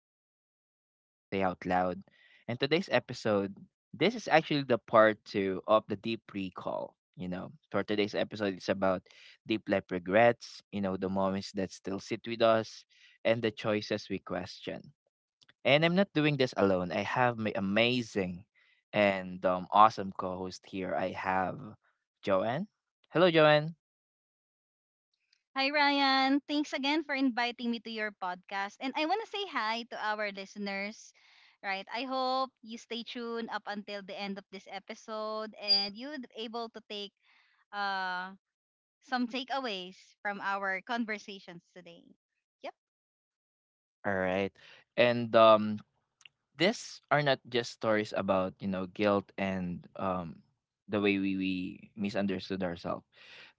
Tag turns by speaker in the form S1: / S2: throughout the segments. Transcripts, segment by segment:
S1: the things we don't always say out loud. And today's episode, this is actually the part 2 of the deep recall. For today's episode it's about deep life regrets, you know, the moments that still sit with us and the choices we question. And I'm not doing this alone. I have my amazing and awesome co host here. I have Joanne. Hello, Joanne.
S2: Hi, Ryan. Thanks again for inviting me to your podcast. And I want to say hi to our listeners. Right. I hope you stay tuned up until the end of this episode and you're able to take uh, some takeaways from our conversations today. Yep.
S1: All right. And These are not just stories about, you know, guilt and the way we misunderstood ourselves,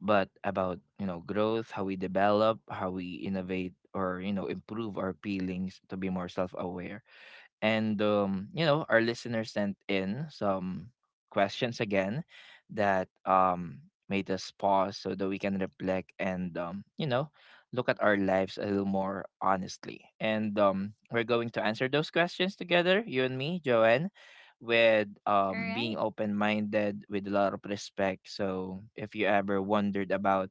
S1: but about, you know, growth, how we develop, how we innovate or, you know, improve our feelings to be more self aware and you know, our listeners sent in some questions again that made us pause so that we can reflect and you know, look at our lives a little more honestly, and we're going to answer those questions together, you and me, Joanne, with
S2: All
S1: being
S2: right.
S1: open-minded with a lot of respect. So if you ever wondered about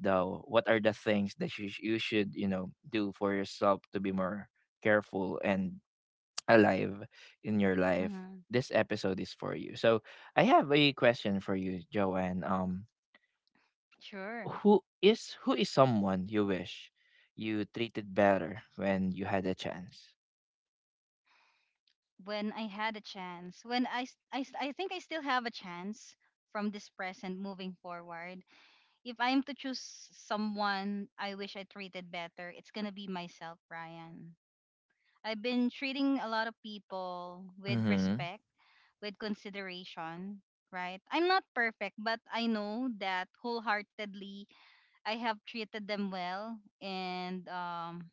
S1: the what are the things that you should, you know, do for yourself to be more careful and alive in your life,
S2: Mm-hmm.
S1: this episode is for you. So I have a question for you, Joanne.
S2: Sure.
S1: Who is someone you wish you treated better when you had a chance?
S2: When I had a chance, when I think I still have a chance from this present moving forward. If I am to choose someone I wish I treated better, it's gonna be myself, Ryan. I've been treating a lot of people with
S1: Mm-hmm.
S2: respect, with consideration, right? I'm not perfect, but I know that wholeheartedly I have treated them well, and um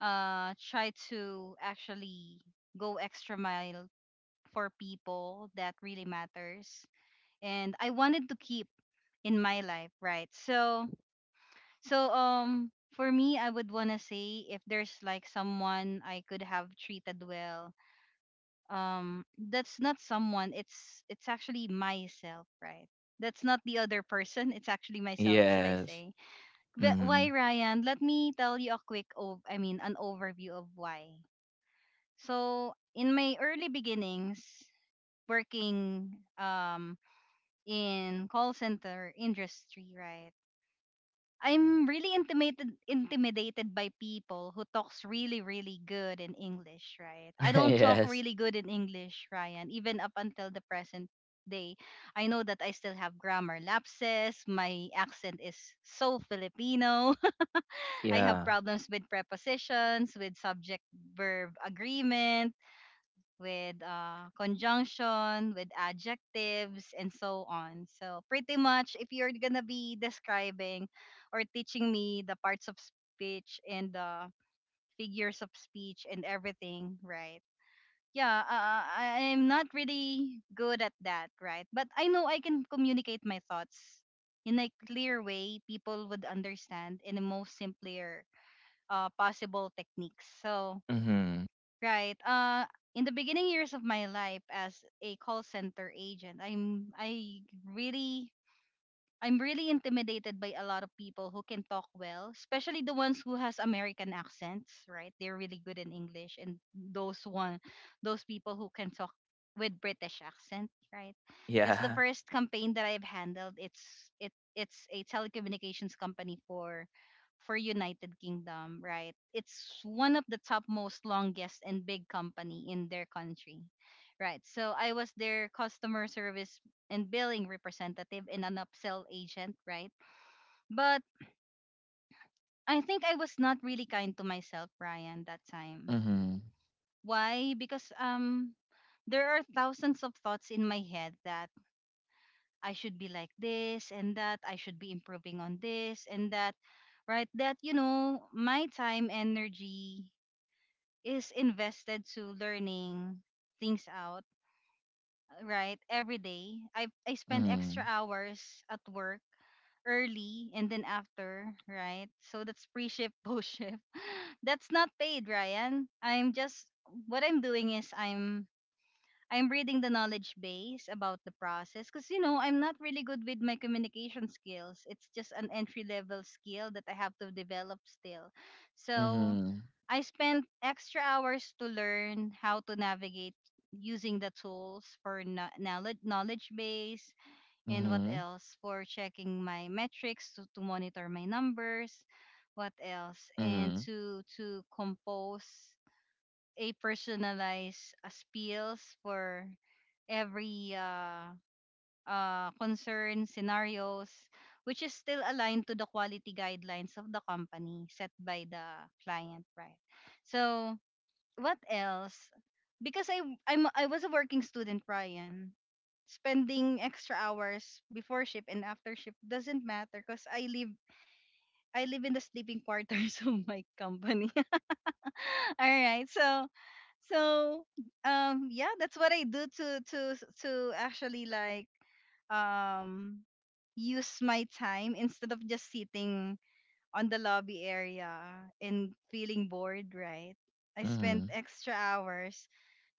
S2: uh try to actually go extra mile for people that really matters and I wanted to keep in my life, right? So for me, I would wanna say if there's like someone I could have treated well, that's not someone, it's actually myself, right? That's not the other person, it's actually myself, should I
S1: Yes.
S2: say. But
S1: Mm-hmm.
S2: why, Ryan? Let me tell you a quick an overview of why. So in my early beginnings working um in call center industry, right? I'm really intimidated by people who talks really really good in English, right? I don't talk
S1: yes.
S2: really good in English, Ryan, even up until the present day. I know that I still have grammar lapses. My accent is so Filipino. I have
S1: Yeah.
S2: problems with prepositions, with subject verb agreement, with conjunction, with adjectives, and so on. So, pretty much, if you're gonna be describing or teaching me the parts of speech and the figures of speech and everything, right? Yeah, I am not really good at that, right? But I know I can communicate my thoughts in a clear way people would understand in the most simpler possible techniques. So,
S1: Mm-hmm.
S2: right. In the beginning years of my life as a call center agent, I'm I really, I'm really intimidated by a lot of people who can talk well, especially the ones who has American accents, right? They're really good in English, and those people who can talk with British accent, right? Because the
S1: Yeah.
S2: first campaign that I've handled, it's a telecommunications company for United Kingdom, right? It's one of the top most longest and big company in their country. Right. So I was their customer service and billing representative and an upsell agent, right? But I think I was not really kind to myself, Ryan, that time.
S1: Mm-hmm.
S2: Why? Because there are thousands of thoughts in my head that I should be like this and that I should be improving on this and that, right? That, you know, my time, energy is invested to learning things out, right? Every day I spend extra hours at work, early and then after, right? So that's pre-shift post-shift, that's not paid, Ryan. I'm just, what I'm doing is I'm reading the knowledge base about the process, because you know, I'm not really good with my communication skills. It's just an entry level skill that I have to develop still. So
S1: Mm-hmm.
S2: I spent extra hours to learn how to navigate using the tools for knowledge base, and what
S1: Mm-hmm.
S2: else, for checking my metrics to monitor my numbers, what else, and
S1: Mm-hmm.
S2: to compose a personalized spiels for every concern scenarios, which is still aligned to the quality guidelines of the company set by the client, right? So what else? Because I was a working student, Brian. Spending extra hours before shift and after shift doesn't matter because I live in the sleeping quarters of my company. All right, so, so yeah, that's what I do, to actually like, um use my time instead of just sitting on the lobby area and feeling bored, right? I spent
S1: Mm-hmm.
S2: extra hours,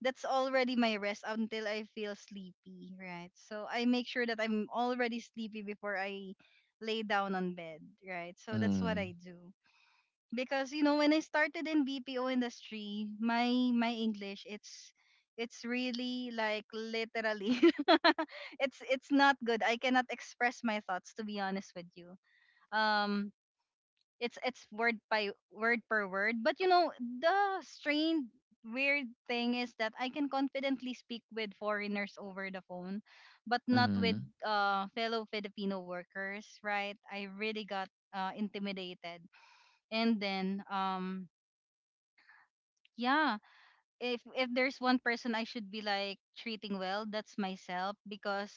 S2: that's already my rest until I feel sleepy, right? So I make sure that I'm already sleepy before I lay down on bed, right? So that's what
S1: Mm-hmm.
S2: I do. Because you know, when I started in BPO industry, my English, it's really like literally it's not good. I cannot express my thoughts, to be honest with you. Um it's word by word per word, but you know, the strange, weird thing is that I can confidently speak with foreigners over the phone, but not with
S1: Mm-hmm.
S2: fellow Filipino workers, right? I really got intimidated, and then yeah, if there's one person I should be like treating well, that's myself, because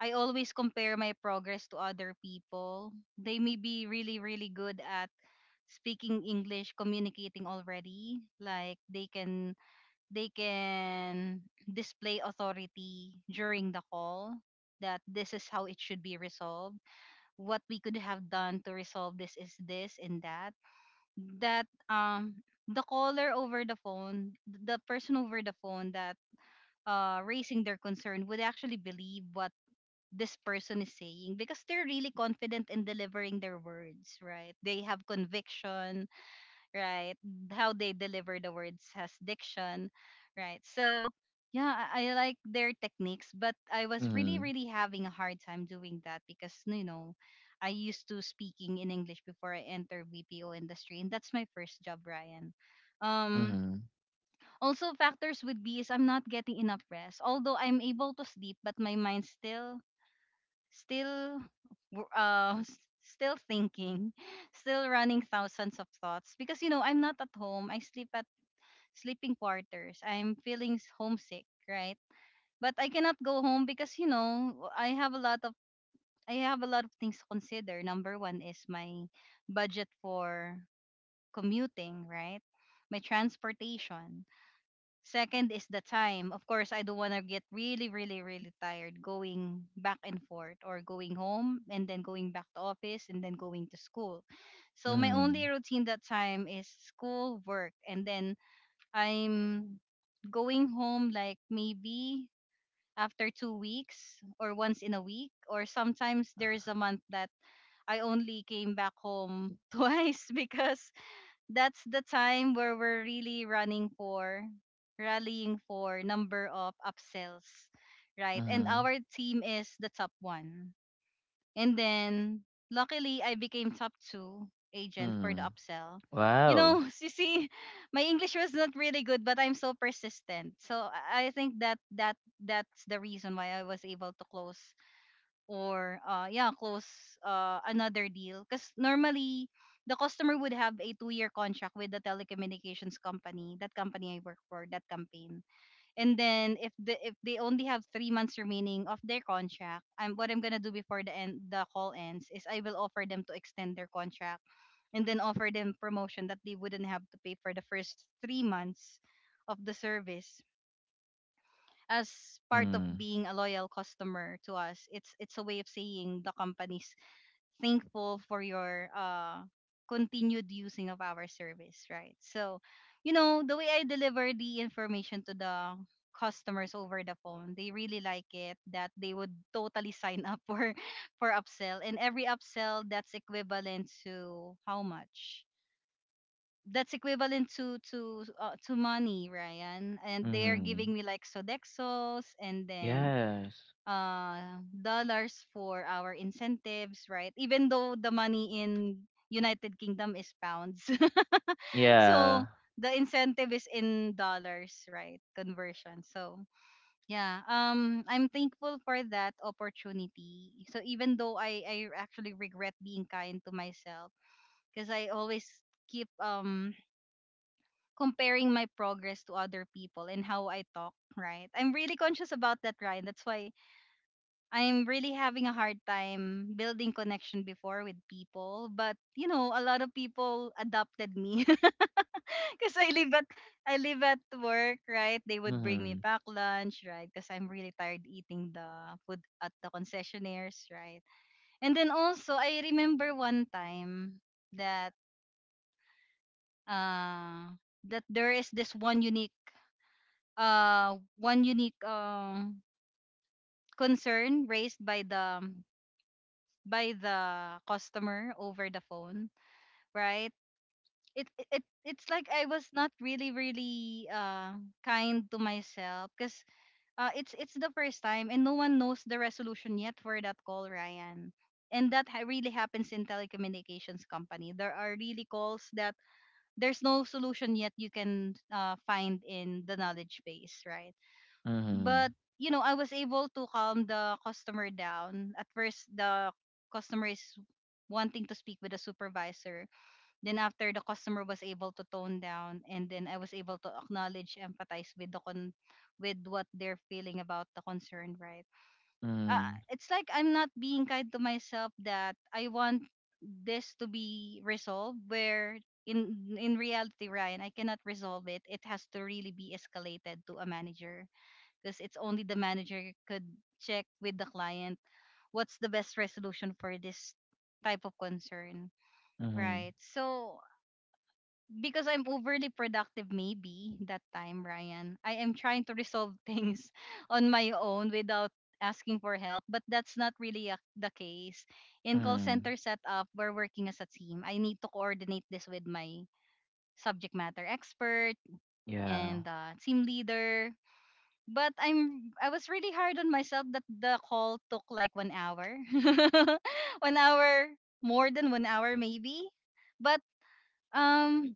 S2: I always compare my progress to other people. They may be really really good at speaking English, communicating already, like they can display authority during the call, that this is how it should be resolved. What we could have done to resolve this is this and that that the caller over the phone, the person over the phone that raising their concern would actually believe what this person is saying, because they're really confident in delivering their words, right? They have conviction, right? How they deliver the words has diction, right? So yeah, I like their techniques, but I was really,
S1: Mm-hmm.
S2: really having a hard time doing that, because you know, I used to speaking in English before I entered BPO industry, and that's my first job, Ryan. Um,
S1: Mm-hmm.
S2: Also factors would be is I'm not getting enough rest. Although I'm able to sleep, but my mind still still thinking, still running thousands of thoughts, because you know, I'm not at home, I sleep at sleeping quarters, I'm feeling homesick, right? But I cannot go home because you know, I have a lot of, I have a lot of things to consider. Number one is my budget for commuting, right? My transportation. Second is the time. Of course, I don't want to get really, really, really tired going back and forth, or going home and then going back to office and then going to school. So my
S1: Mm-hmm.
S2: only routine that time is school, work, and then I'm going home like maybe after 2 weeks or once in a week, or sometimes there is a month that I only came back home twice, because that's the time where we're really running for, rallying for number of upsells, right? And
S1: Mm-hmm.
S2: our team is the top one, and then luckily I became top two agent for the
S1: Mm-hmm.
S2: upsell. You know,
S1: Wow.
S2: you see, my English was not really good, but I'm so persistent, so I think that that's the reason why I was able to close, or yeah, close another deal. Because normally the customer would have a 2 year contract with the telecommunications company, that company I work for, that campaign. And then if they only have 3 months remaining of their contract, I'm what I'm gonna do before the call ends is I will offer them to extend their contract, and then offer them promotion that they wouldn't have to pay for the first 3 months of the service, as part of
S1: Mm.
S2: being a loyal customer to us. It's a way of saying the company's thankful for your continued using of our service, right? So you know, the way I deliver the information to the customers over the phone, they really like it, that they would totally sign up for upsell. And every upsell, that's equivalent to how much, that's equivalent to, to money, Ryan. And they're
S1: Mhm.
S2: giving me like Sodexos, and then
S1: Yes.
S2: dollars for our incentives, right? Even though the money in United Kingdom is pounds. So
S1: Yeah.
S2: the incentive is in dollars, right? Conversion. So yeah, I'm thankful for that opportunity. So even though I actually regret being kind to myself, because I always keep comparing my progress to other people and how I talk, right? I'm really conscious about that, Ryan. That's why I'm really having a hard time building connection before with people. But you know, a lot of people adopted me because I live at work, right? They would bring me
S1: Mhm.
S2: pack lunch, right? Because I'm really tired eating the food at the concessionaires, right? And then also, I remember one time that uh that there is this one unique concern raised um, by the customer over the phone, right. It's like I was not really kind to myself because it's the first time and no one knows the resolution yet for that call, Ryan. And really happens in telecommunications company. There are really calls that there's no solution yet you can find in the knowledge base, right. But
S1: Mhm.
S2: you know, I was able to calm the customer down. At first the customer is wanting to speak with the supervisor, then after the customer was able to tone down and then I was able to acknowledge, empathize with the con with what they're feeling about the concern, right.
S1: Mm.
S2: It's like I'm not being kind to myself, that I want this to be resolved where in in reality, Ryan, I cannot resolve it. It has to really be escalated to a manager because it's only the manager could check with the client what's the best resolution for this type of concern.
S1: Mhm.
S2: Right. So because I'm overly productive maybe that time, Ryan, I am trying to resolve things on my own without asking for help, but that's not really the case. In call
S1: Mm.
S2: center setup, we're working as a team. I need to coordinate this with my subject matter expert
S1: Yeah.
S2: and team leader, but I was really hard on myself that the call took like 1 hour, 1 hour, more than 1 hour maybe. But um,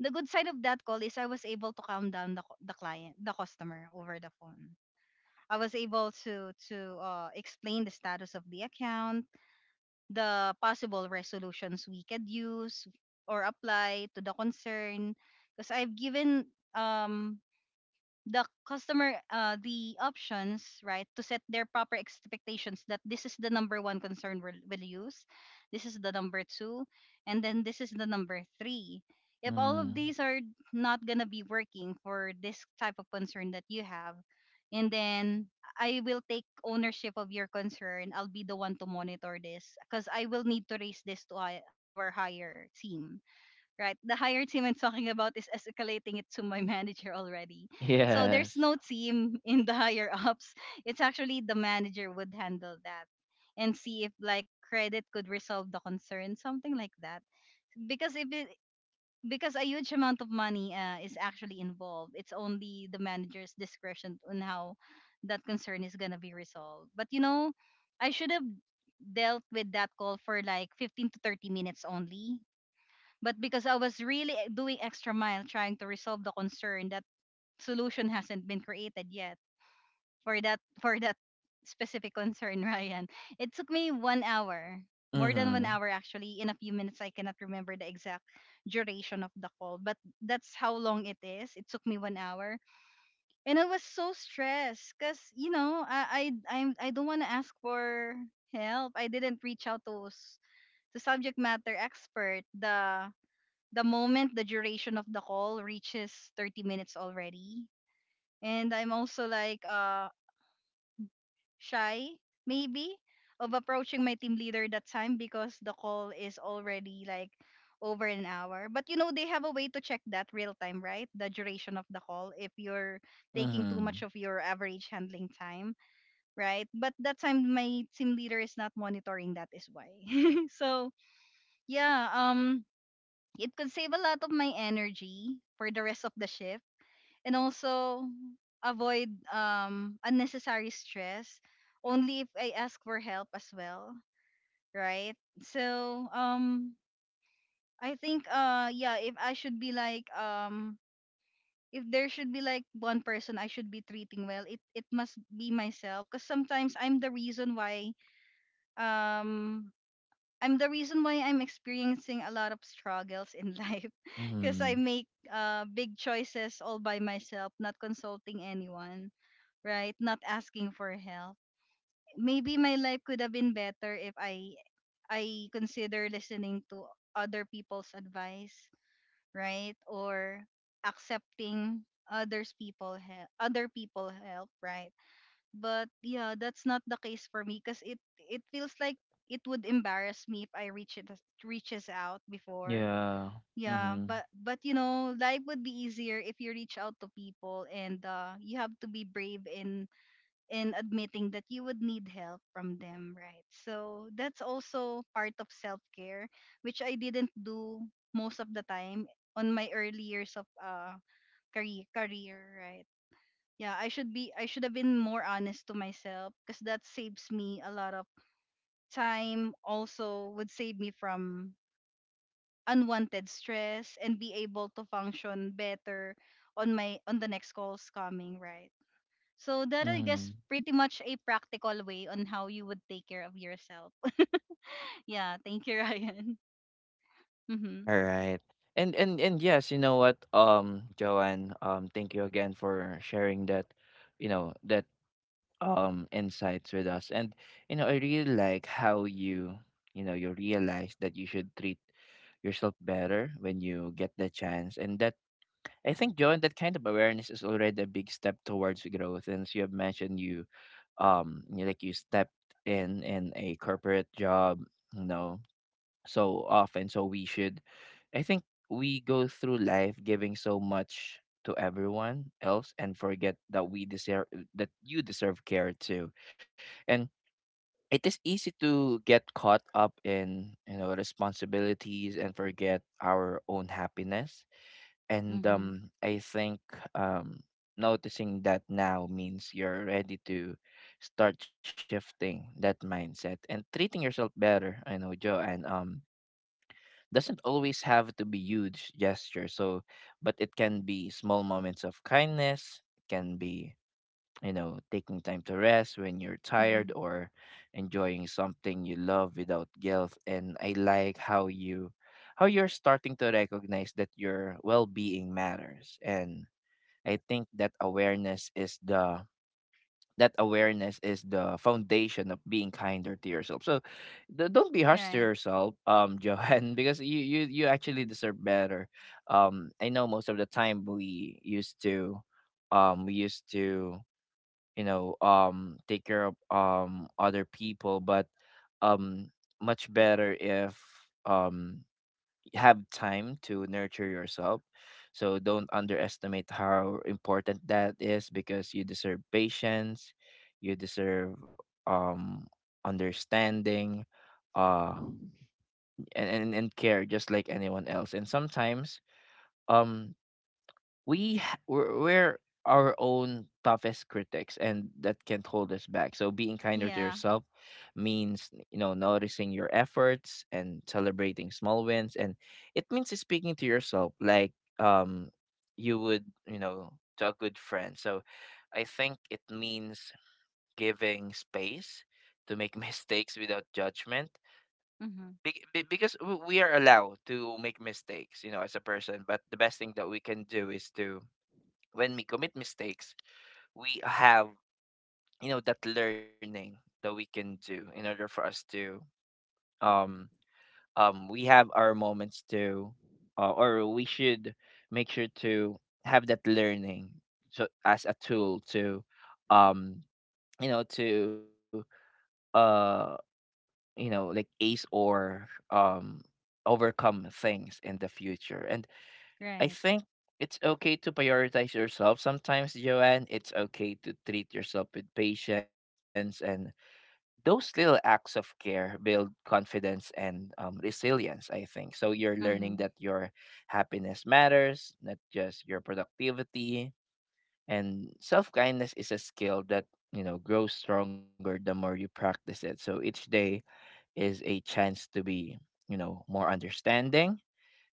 S2: the good side of that call is I was able to calm down the the client, the customer over the phone. I was able to to explain the status of the account, the possible resolutions we could use or apply to the concern, because I've given um the customer the options, right, to set their proper expectations that this is the number one concern we'll use, this is the number two, and then this is the number three. If all of
S1: Mm.
S2: these are not going to be working for this type of concern that you have, and then I will take ownership of your concern. I'll be the one to monitor this because I will need to raise this to our higher team, right? The higher team I'm talking about is escalating it to my manager already. So there's
S1: Yes.
S2: no team in the higher ups. It's actually the manager would handle that and see if like credit could resolve the concern, something like that. Because if it, because a huge amount of money is actually involved, it's only the manager's discretion on how that concern is gonna be resolved. But you know, I should have dealt with that call for like 15 to 30 minutes only, but because I was really doing extra mile trying to resolve the concern, that solution hasn't been created yet for that specific concern, Ryan. It took me 1 hour, more than one
S1: Mhm.
S2: hour actually. In a few minutes, I cannot remember the exact duration of the call, but that's how long it is. It took me 1 hour, and I was so stressed because you know I don't want to ask for help. I didn't reach out to to subject matter expert, the moment the duration of the call reaches 30 minutes already. And I'm also like shy maybe of approaching my team leader that time because the call is already like over an hour. But you know they have a way to check that real time, right? The duration of the call if you're taking too much
S1: Mhm.
S2: of your average handling time, right? But that time my team leader is not monitoring that is why. So, yeah, it could save a lot of my energy for the rest of the shift, and also avoid unnecessary stress only if I ask for help as well, right? So, I think yeah, if I should be like if there should be like one person I should be treating well, it must be myself because sometimes I'm the reason why um I'm the reason why I'm experiencing a lot of struggles in life because I
S1: Mhm.
S2: make big choices all by myself, not consulting anyone, right? Not asking for help. Maybe my life could have been better if I consider listening to other people's advice, right? Or accepting others people help, other people help, right? But yeah, that's not the case for me because it feels like it would embarrass me if I reaches out before.
S1: Yeah.
S2: Yeah,
S1: Mhm.
S2: but you know, life would be easier if you reach out to people, and you have to be brave in admitting that you would need help from them, right? So that's also part of self-care which I didn't do most of the time on my early years of career career, right? Yeah, I should have been more honest to myself because that saves me a lot of time, also would save me from unwanted stress, and be able to function better on the next calls coming, right. So that, I
S1: Mhm.
S2: guess, pretty much a practical way on how you would take care of yourself. Yeah, thank you, Ryan. Mhm.
S1: All right. And yes, you know what, Joanne, thank you again for sharing that, you know, that insights with us, and you know, I really like how you you know you realize that you should treat yourself better when you get the chance. And that, I think, John, that kind of awareness is already a big step towards growth. And as you have mentioned, you um, you, like you stepped in a corporate job, you know, so often. So we should, I think, we go through life giving so much to everyone else and forget that we deserve that you deserve care too. And it is easy to get caught up in, you know, responsibilities and forget our own happiness. and
S2: Mhm.
S1: um i think um noticing that now means you're ready to start shifting that mindset and treating yourself better. I know, Joe. And Doesn't always have to be huge gesture, so. But it can be small moments of kindness, can be, you know, taking time to rest when you're
S2: Mhm.
S1: tired or enjoying something you love without guilt. And I like how you're starting to recognize that your well-being matters. And I think that awareness is the that awareness is the foundation of being kinder to yourself. So don't be harsh to
S2: Right.
S1: yourself, Johan, because you you actually deserve better. I know most of the time we used to, you know, um, take care of um, other people, but um, much better if um, you have time to nurture yourself. So don't underestimate how important that is, because you deserve patience, you deserve um, understanding, uh, and care just like anyone else. And sometimes, um, we're our own toughest critics and that can hold us back. So being kinder to
S2: Yeah.
S1: yourself means, you know, noticing your efforts and celebrating small wins. And it means speaking to yourself like um, you would, you know, to a good friend. So I think it means giving space to make mistakes without judgment,
S2: Mhm.
S1: because we are allowed to make mistakes, you know, as a person. But the best thing that we can do is to, when we commit mistakes, we have, you know, that learning that we can do in order for us to um we have our moments to or we should make sure to have that learning, so as a tool to um, you know, to uh, you know, like ace or um, overcome things in the future. And I
S2: Right.
S1: think it's okay to prioritize yourself sometimes, Joanne. It's okay to treat yourself with patience, and those little acts of care build confidence and resilience. I think so. You're learning that
S2: Mhm.
S1: your happiness matters, not just your productivity. And self kindness is a skill that, you know, grows stronger the more you practice it. So each day is a chance to be, you know, more understanding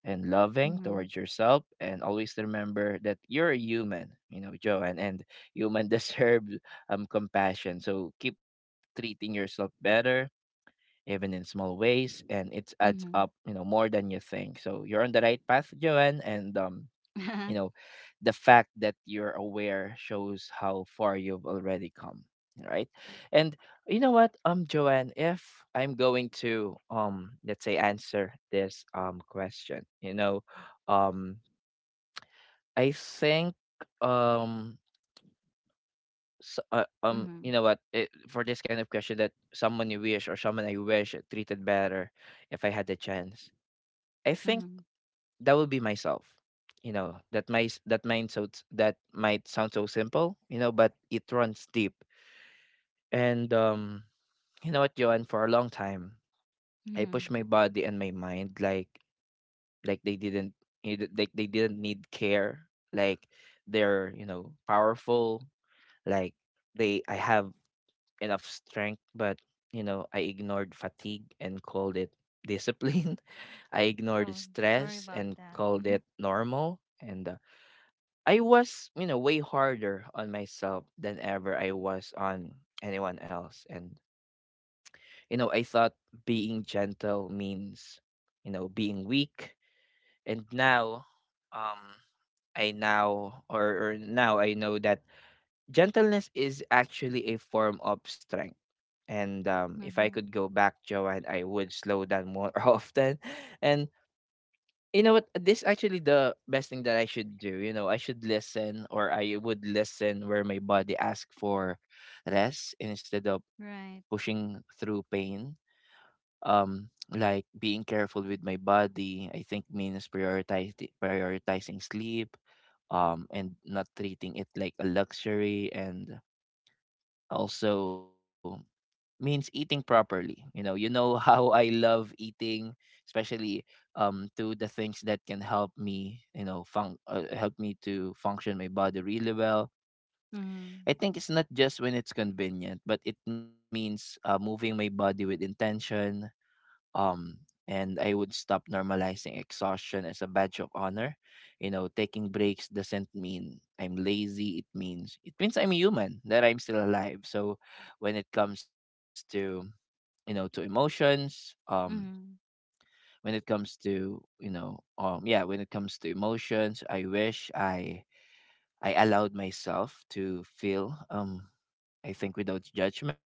S1: and loving
S2: Mhm.
S1: towards yourself. And always remember that you're a human, you know, Joanne, and human deserve um, compassion. So keep treating yourself better even in small ways, and it adds up,
S2: Mhm.
S1: you know, more than you think. So you're on the right path, Joanne. And You know, the fact that you're aware shows how far you've already come, right? And you know what, um, Joanne, if I'm going to um, let's say answer this um, question, you know, um, I think, um, you
S2: Mhm.
S1: know what, it, for this kind of question that someone you wish, or someone I wish treated better, if I had the chance, I
S2: Mhm.
S1: think
S2: Mhm.
S1: that would be myself. You know, that my s- that might so that might sound so simple, you know, but it runs deep. And you know what, Johan? For a long time, I pushed my body and my mind like like they didn't like they didn't need care. Like they're, you know, powerful, like they I have enough strength, but you know, I ignored fatigue and called it discipline. I ignored
S2: Oh, sorry
S1: stress
S2: about
S1: and
S2: that.
S1: called
S2: Mhm,
S1: it normal. And I was, you know, way harder on myself than ever I was on anyone else. And, you know, I thought being gentle means, you know, being weak. And now, um, I now or now I know that gentleness is actually a form of strength. And if I
S2: mhm.
S1: could go back, Joanne, I would slow down more often. And. You know what? This actually the best thing that I should do. You know, I would listen where my body asks for rest instead of
S2: Right.
S1: pushing through pain. Like being careful with my body, I think means prioritize prioritizing sleep, and not treating it like a luxury, and also means eating properly. You know how I love eating, especially um, to the things that can help me, you know, help me to function my body really well.
S2: Mhm,
S1: I think it's not just when it's convenient, but it means moving my body with intention. Um, and I would stop normalizing exhaustion as a badge of honor. You know, taking breaks doesn't mean I'm lazy. It means I'm human, that I'm still alive. So when it comes to you know to emotions
S2: mhm,
S1: when it comes to, you know, um, yeah, when it comes to emotions, I wish I allowed myself to feel um, I think without judgment.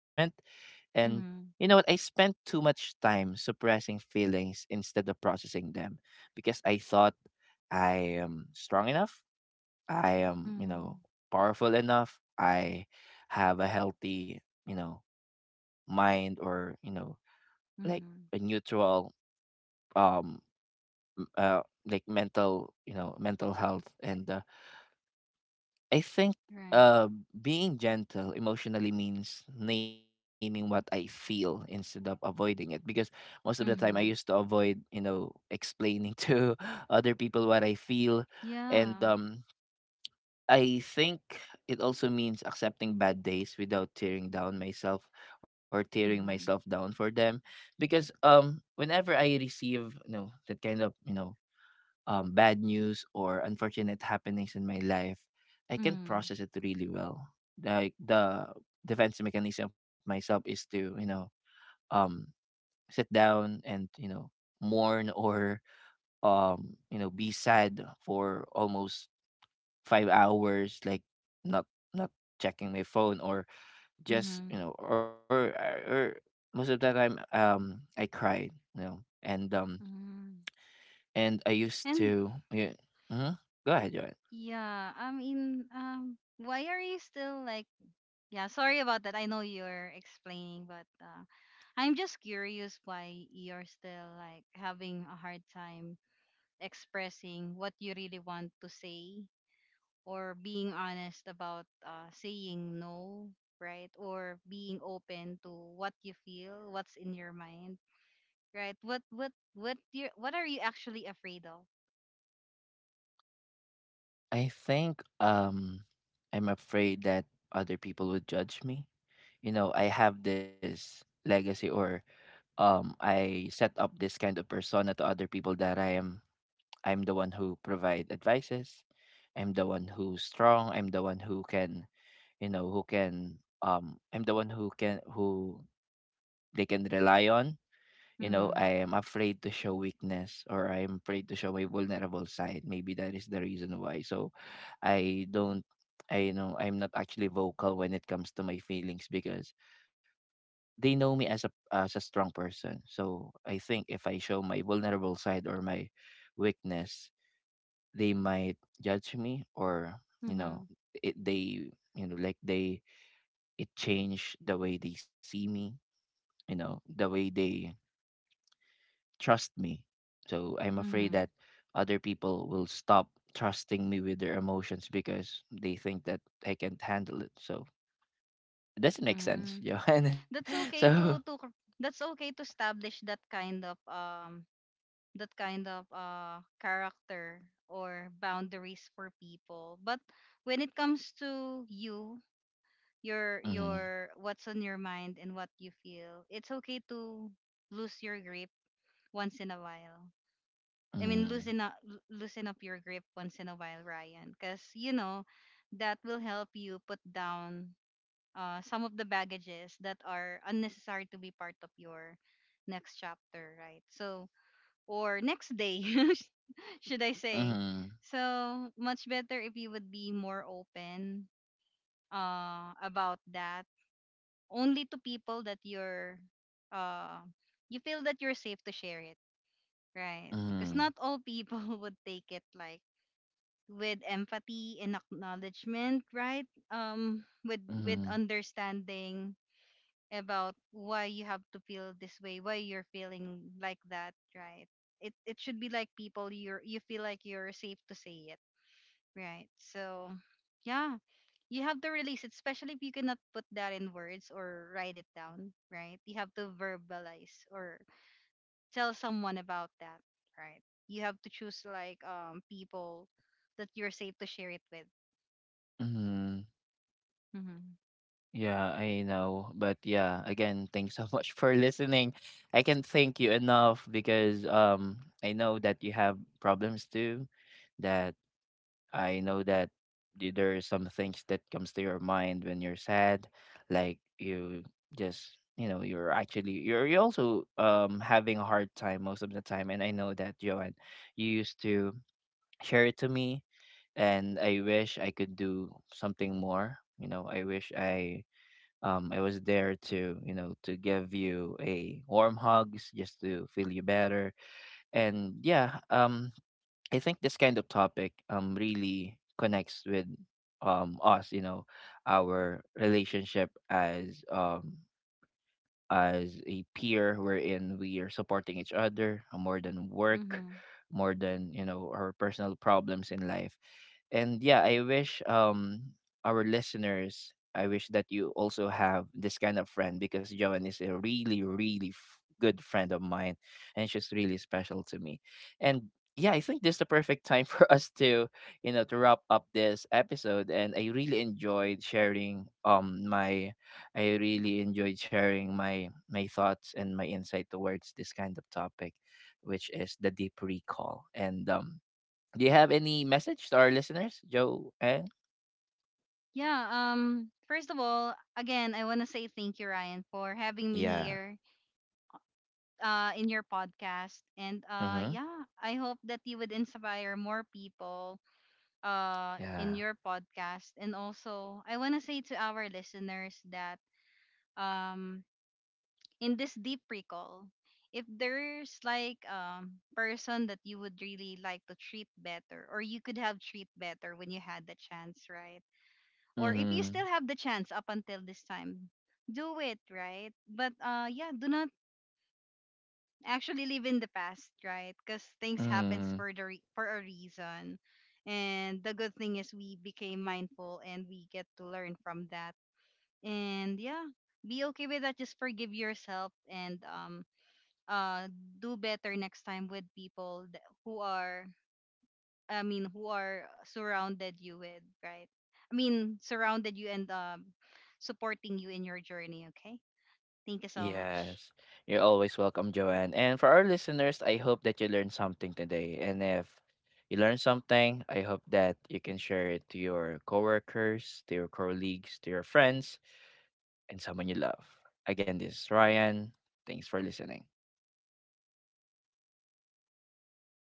S1: And you know what,
S2: mhm,
S1: I spent too much time suppressing feelings instead of processing them, because I thought I am strong enough, I am, you know,
S2: mhm,
S1: powerful enough, I have a healthy, you know, mind, or you know, like a
S2: mhm.
S1: neutral um, m- uh like mental, you know, mental health. And I think
S2: Right.
S1: uh, being gentle emotionally means naming what I feel instead of avoiding it, because most of the time I used to
S2: Mhm.
S1: avoid, you know, explaining to other people what I feel. And
S2: Yeah.
S1: um, I think it also means accepting bad days without tearing myself
S2: Mhm,
S1: down for them. Because um, whenever I receive, you know, that kind of, you know, bad news or unfortunate happenings in my life, I can
S2: mhm,
S1: process it really well. Like the defense mechanism of myself is to, you know, um, sit down and, you know, mourn, or you know, be sad for almost 5 hours, like not not checking my phone or just you
S2: mhm,
S1: know or most of the time um, I cried, you know, and um,
S2: mhm.
S1: and I used
S2: And
S1: to, yeah. Mhm. Go ahead.
S2: yeah, I mean, why are you still like? Yeah, sorry about that. I know you're explaining, but I'm just curious why you're still like having a hard time expressing what you really want to say or being honest about saying no, right? Or being open to what you feel, what's in your mind, right? What are you actually afraid of?
S1: I think um, I'm afraid that other people would judge me. You know, I have this legacy, or um, I set up this kind of persona to other people that I'm the one who provide advices. I'm the one who's strong. I'm the one who can, you know, who can um, I'm the one who can who they can rely on. You know,
S2: Hmm.
S1: I am afraid to show weakness, or I am afraid to show my vulnerable side. Maybe that is the reason why. So I don't I you know, I'm not actually vocal when it comes to my feelings, because they know me as a strong person. So I think if I show my vulnerable side or my weakness, they might judge me, or you know,
S2: Hmm.
S1: it, they you know, like they it change the way they see me, you know, the way they trust me. So I'm afraid that
S2: Hmm.
S1: other people will stop trusting me with their emotions, because they think that I can't handle it. So it doesn't make
S2: Hmm.
S1: sense, Johan.
S2: That's okay to
S1: so
S2: to that's okay to establish that kind of character or boundaries for people. But when it comes to
S1: mm,
S2: your what's on your mind and what you feel, it's okay to lose your grip once in a while. I mean, loosen up,
S1: mm,
S2: loosen up your grip once in a while, Ryan, because you know that will help you put down some of the baggages that are unnecessary to be part of your next chapter, right? So, or next day, should I say?
S1: mm,
S2: So, much better if you would be more open about that only to people that uh you feel that you're safe to share it, right?
S1: mm,
S2: Because not all people would take it like with empathy and acknowledgement, right? With
S1: mm,
S2: understanding about why you have to feel this way, why you're feeling like that, right? It should be like people you feel like you're safe to say it. Right. So, yeah, you have to release it, especially if you cannot put that in words or write it down, right? You have to verbalize or tell someone about that, right? You have to choose like people that you're safe to share it with.
S1: mm.
S2: Mhm.
S1: Yeah, I know. But yeah, again, thanks so much for listening. I can't thank you enough, because um, I know that you have problems too, that I know there are some things that comes to your mind when you're sad, like you just, you know, you're actually you're also um, having a hard time most of the time. And I know that, Joanne, you used to share it to me, and I wish I could do something more. You know, I wish I was there to, you know, to give you a warm hugs just to feel you better. And yeah um, I think this kind of topic um, really connects with um, us, you know, our relationship as um, as a peer, wherein we are supporting each other more than work,
S2: Mhm.
S1: more than, you know, our personal problems in life. And yeah, I wish um, our listeners, I wish that you also have this kind of friend, because Joan is a really really good friend of mine, and she's really special to me. And yeah, I think this is the perfect time for us to, you know, to wrap up this episode. And I really enjoyed sharing my I really enjoyed sharing my thoughts and my insight towards this kind of topic, which is the deep recall. And do you have any message to our listeners, Joe? And
S2: Yeah, first of all, again, I want to say thank you, Ryan, for having me
S1: yeah,
S2: here in your podcast, and
S1: mm-hmm.
S2: yeah, I hope that you would inspire more people in
S1: Yeah,
S2: your podcast. And also I want to say to our listeners that um in this deep recall, if there's like person that you would really like to treat better, or you could have treat better when you had the chance, right? Or if you
S1: mm-hmm.
S2: still have the chance up until this time, do it, right? But yeah, do not actually live in the past, right? Because things happens
S1: Mm-hmm.
S2: for the for a reason, and the good thing is we became mindful and we get to learn from that. And yeah, be okay with that. Just forgive yourself and uh do better next time with people who are who are surrounded you with, right? I mean surrounded you and supporting you in your journey. Okay, thank you so much.
S1: Yes. You're always welcome, Joanne. And for our listeners, I hope that you learned something today. And if you learned something, I hope that you can share it to your coworkers, to your colleagues, to your friends, and someone you love. Again, this is Ryan. Thanks for listening.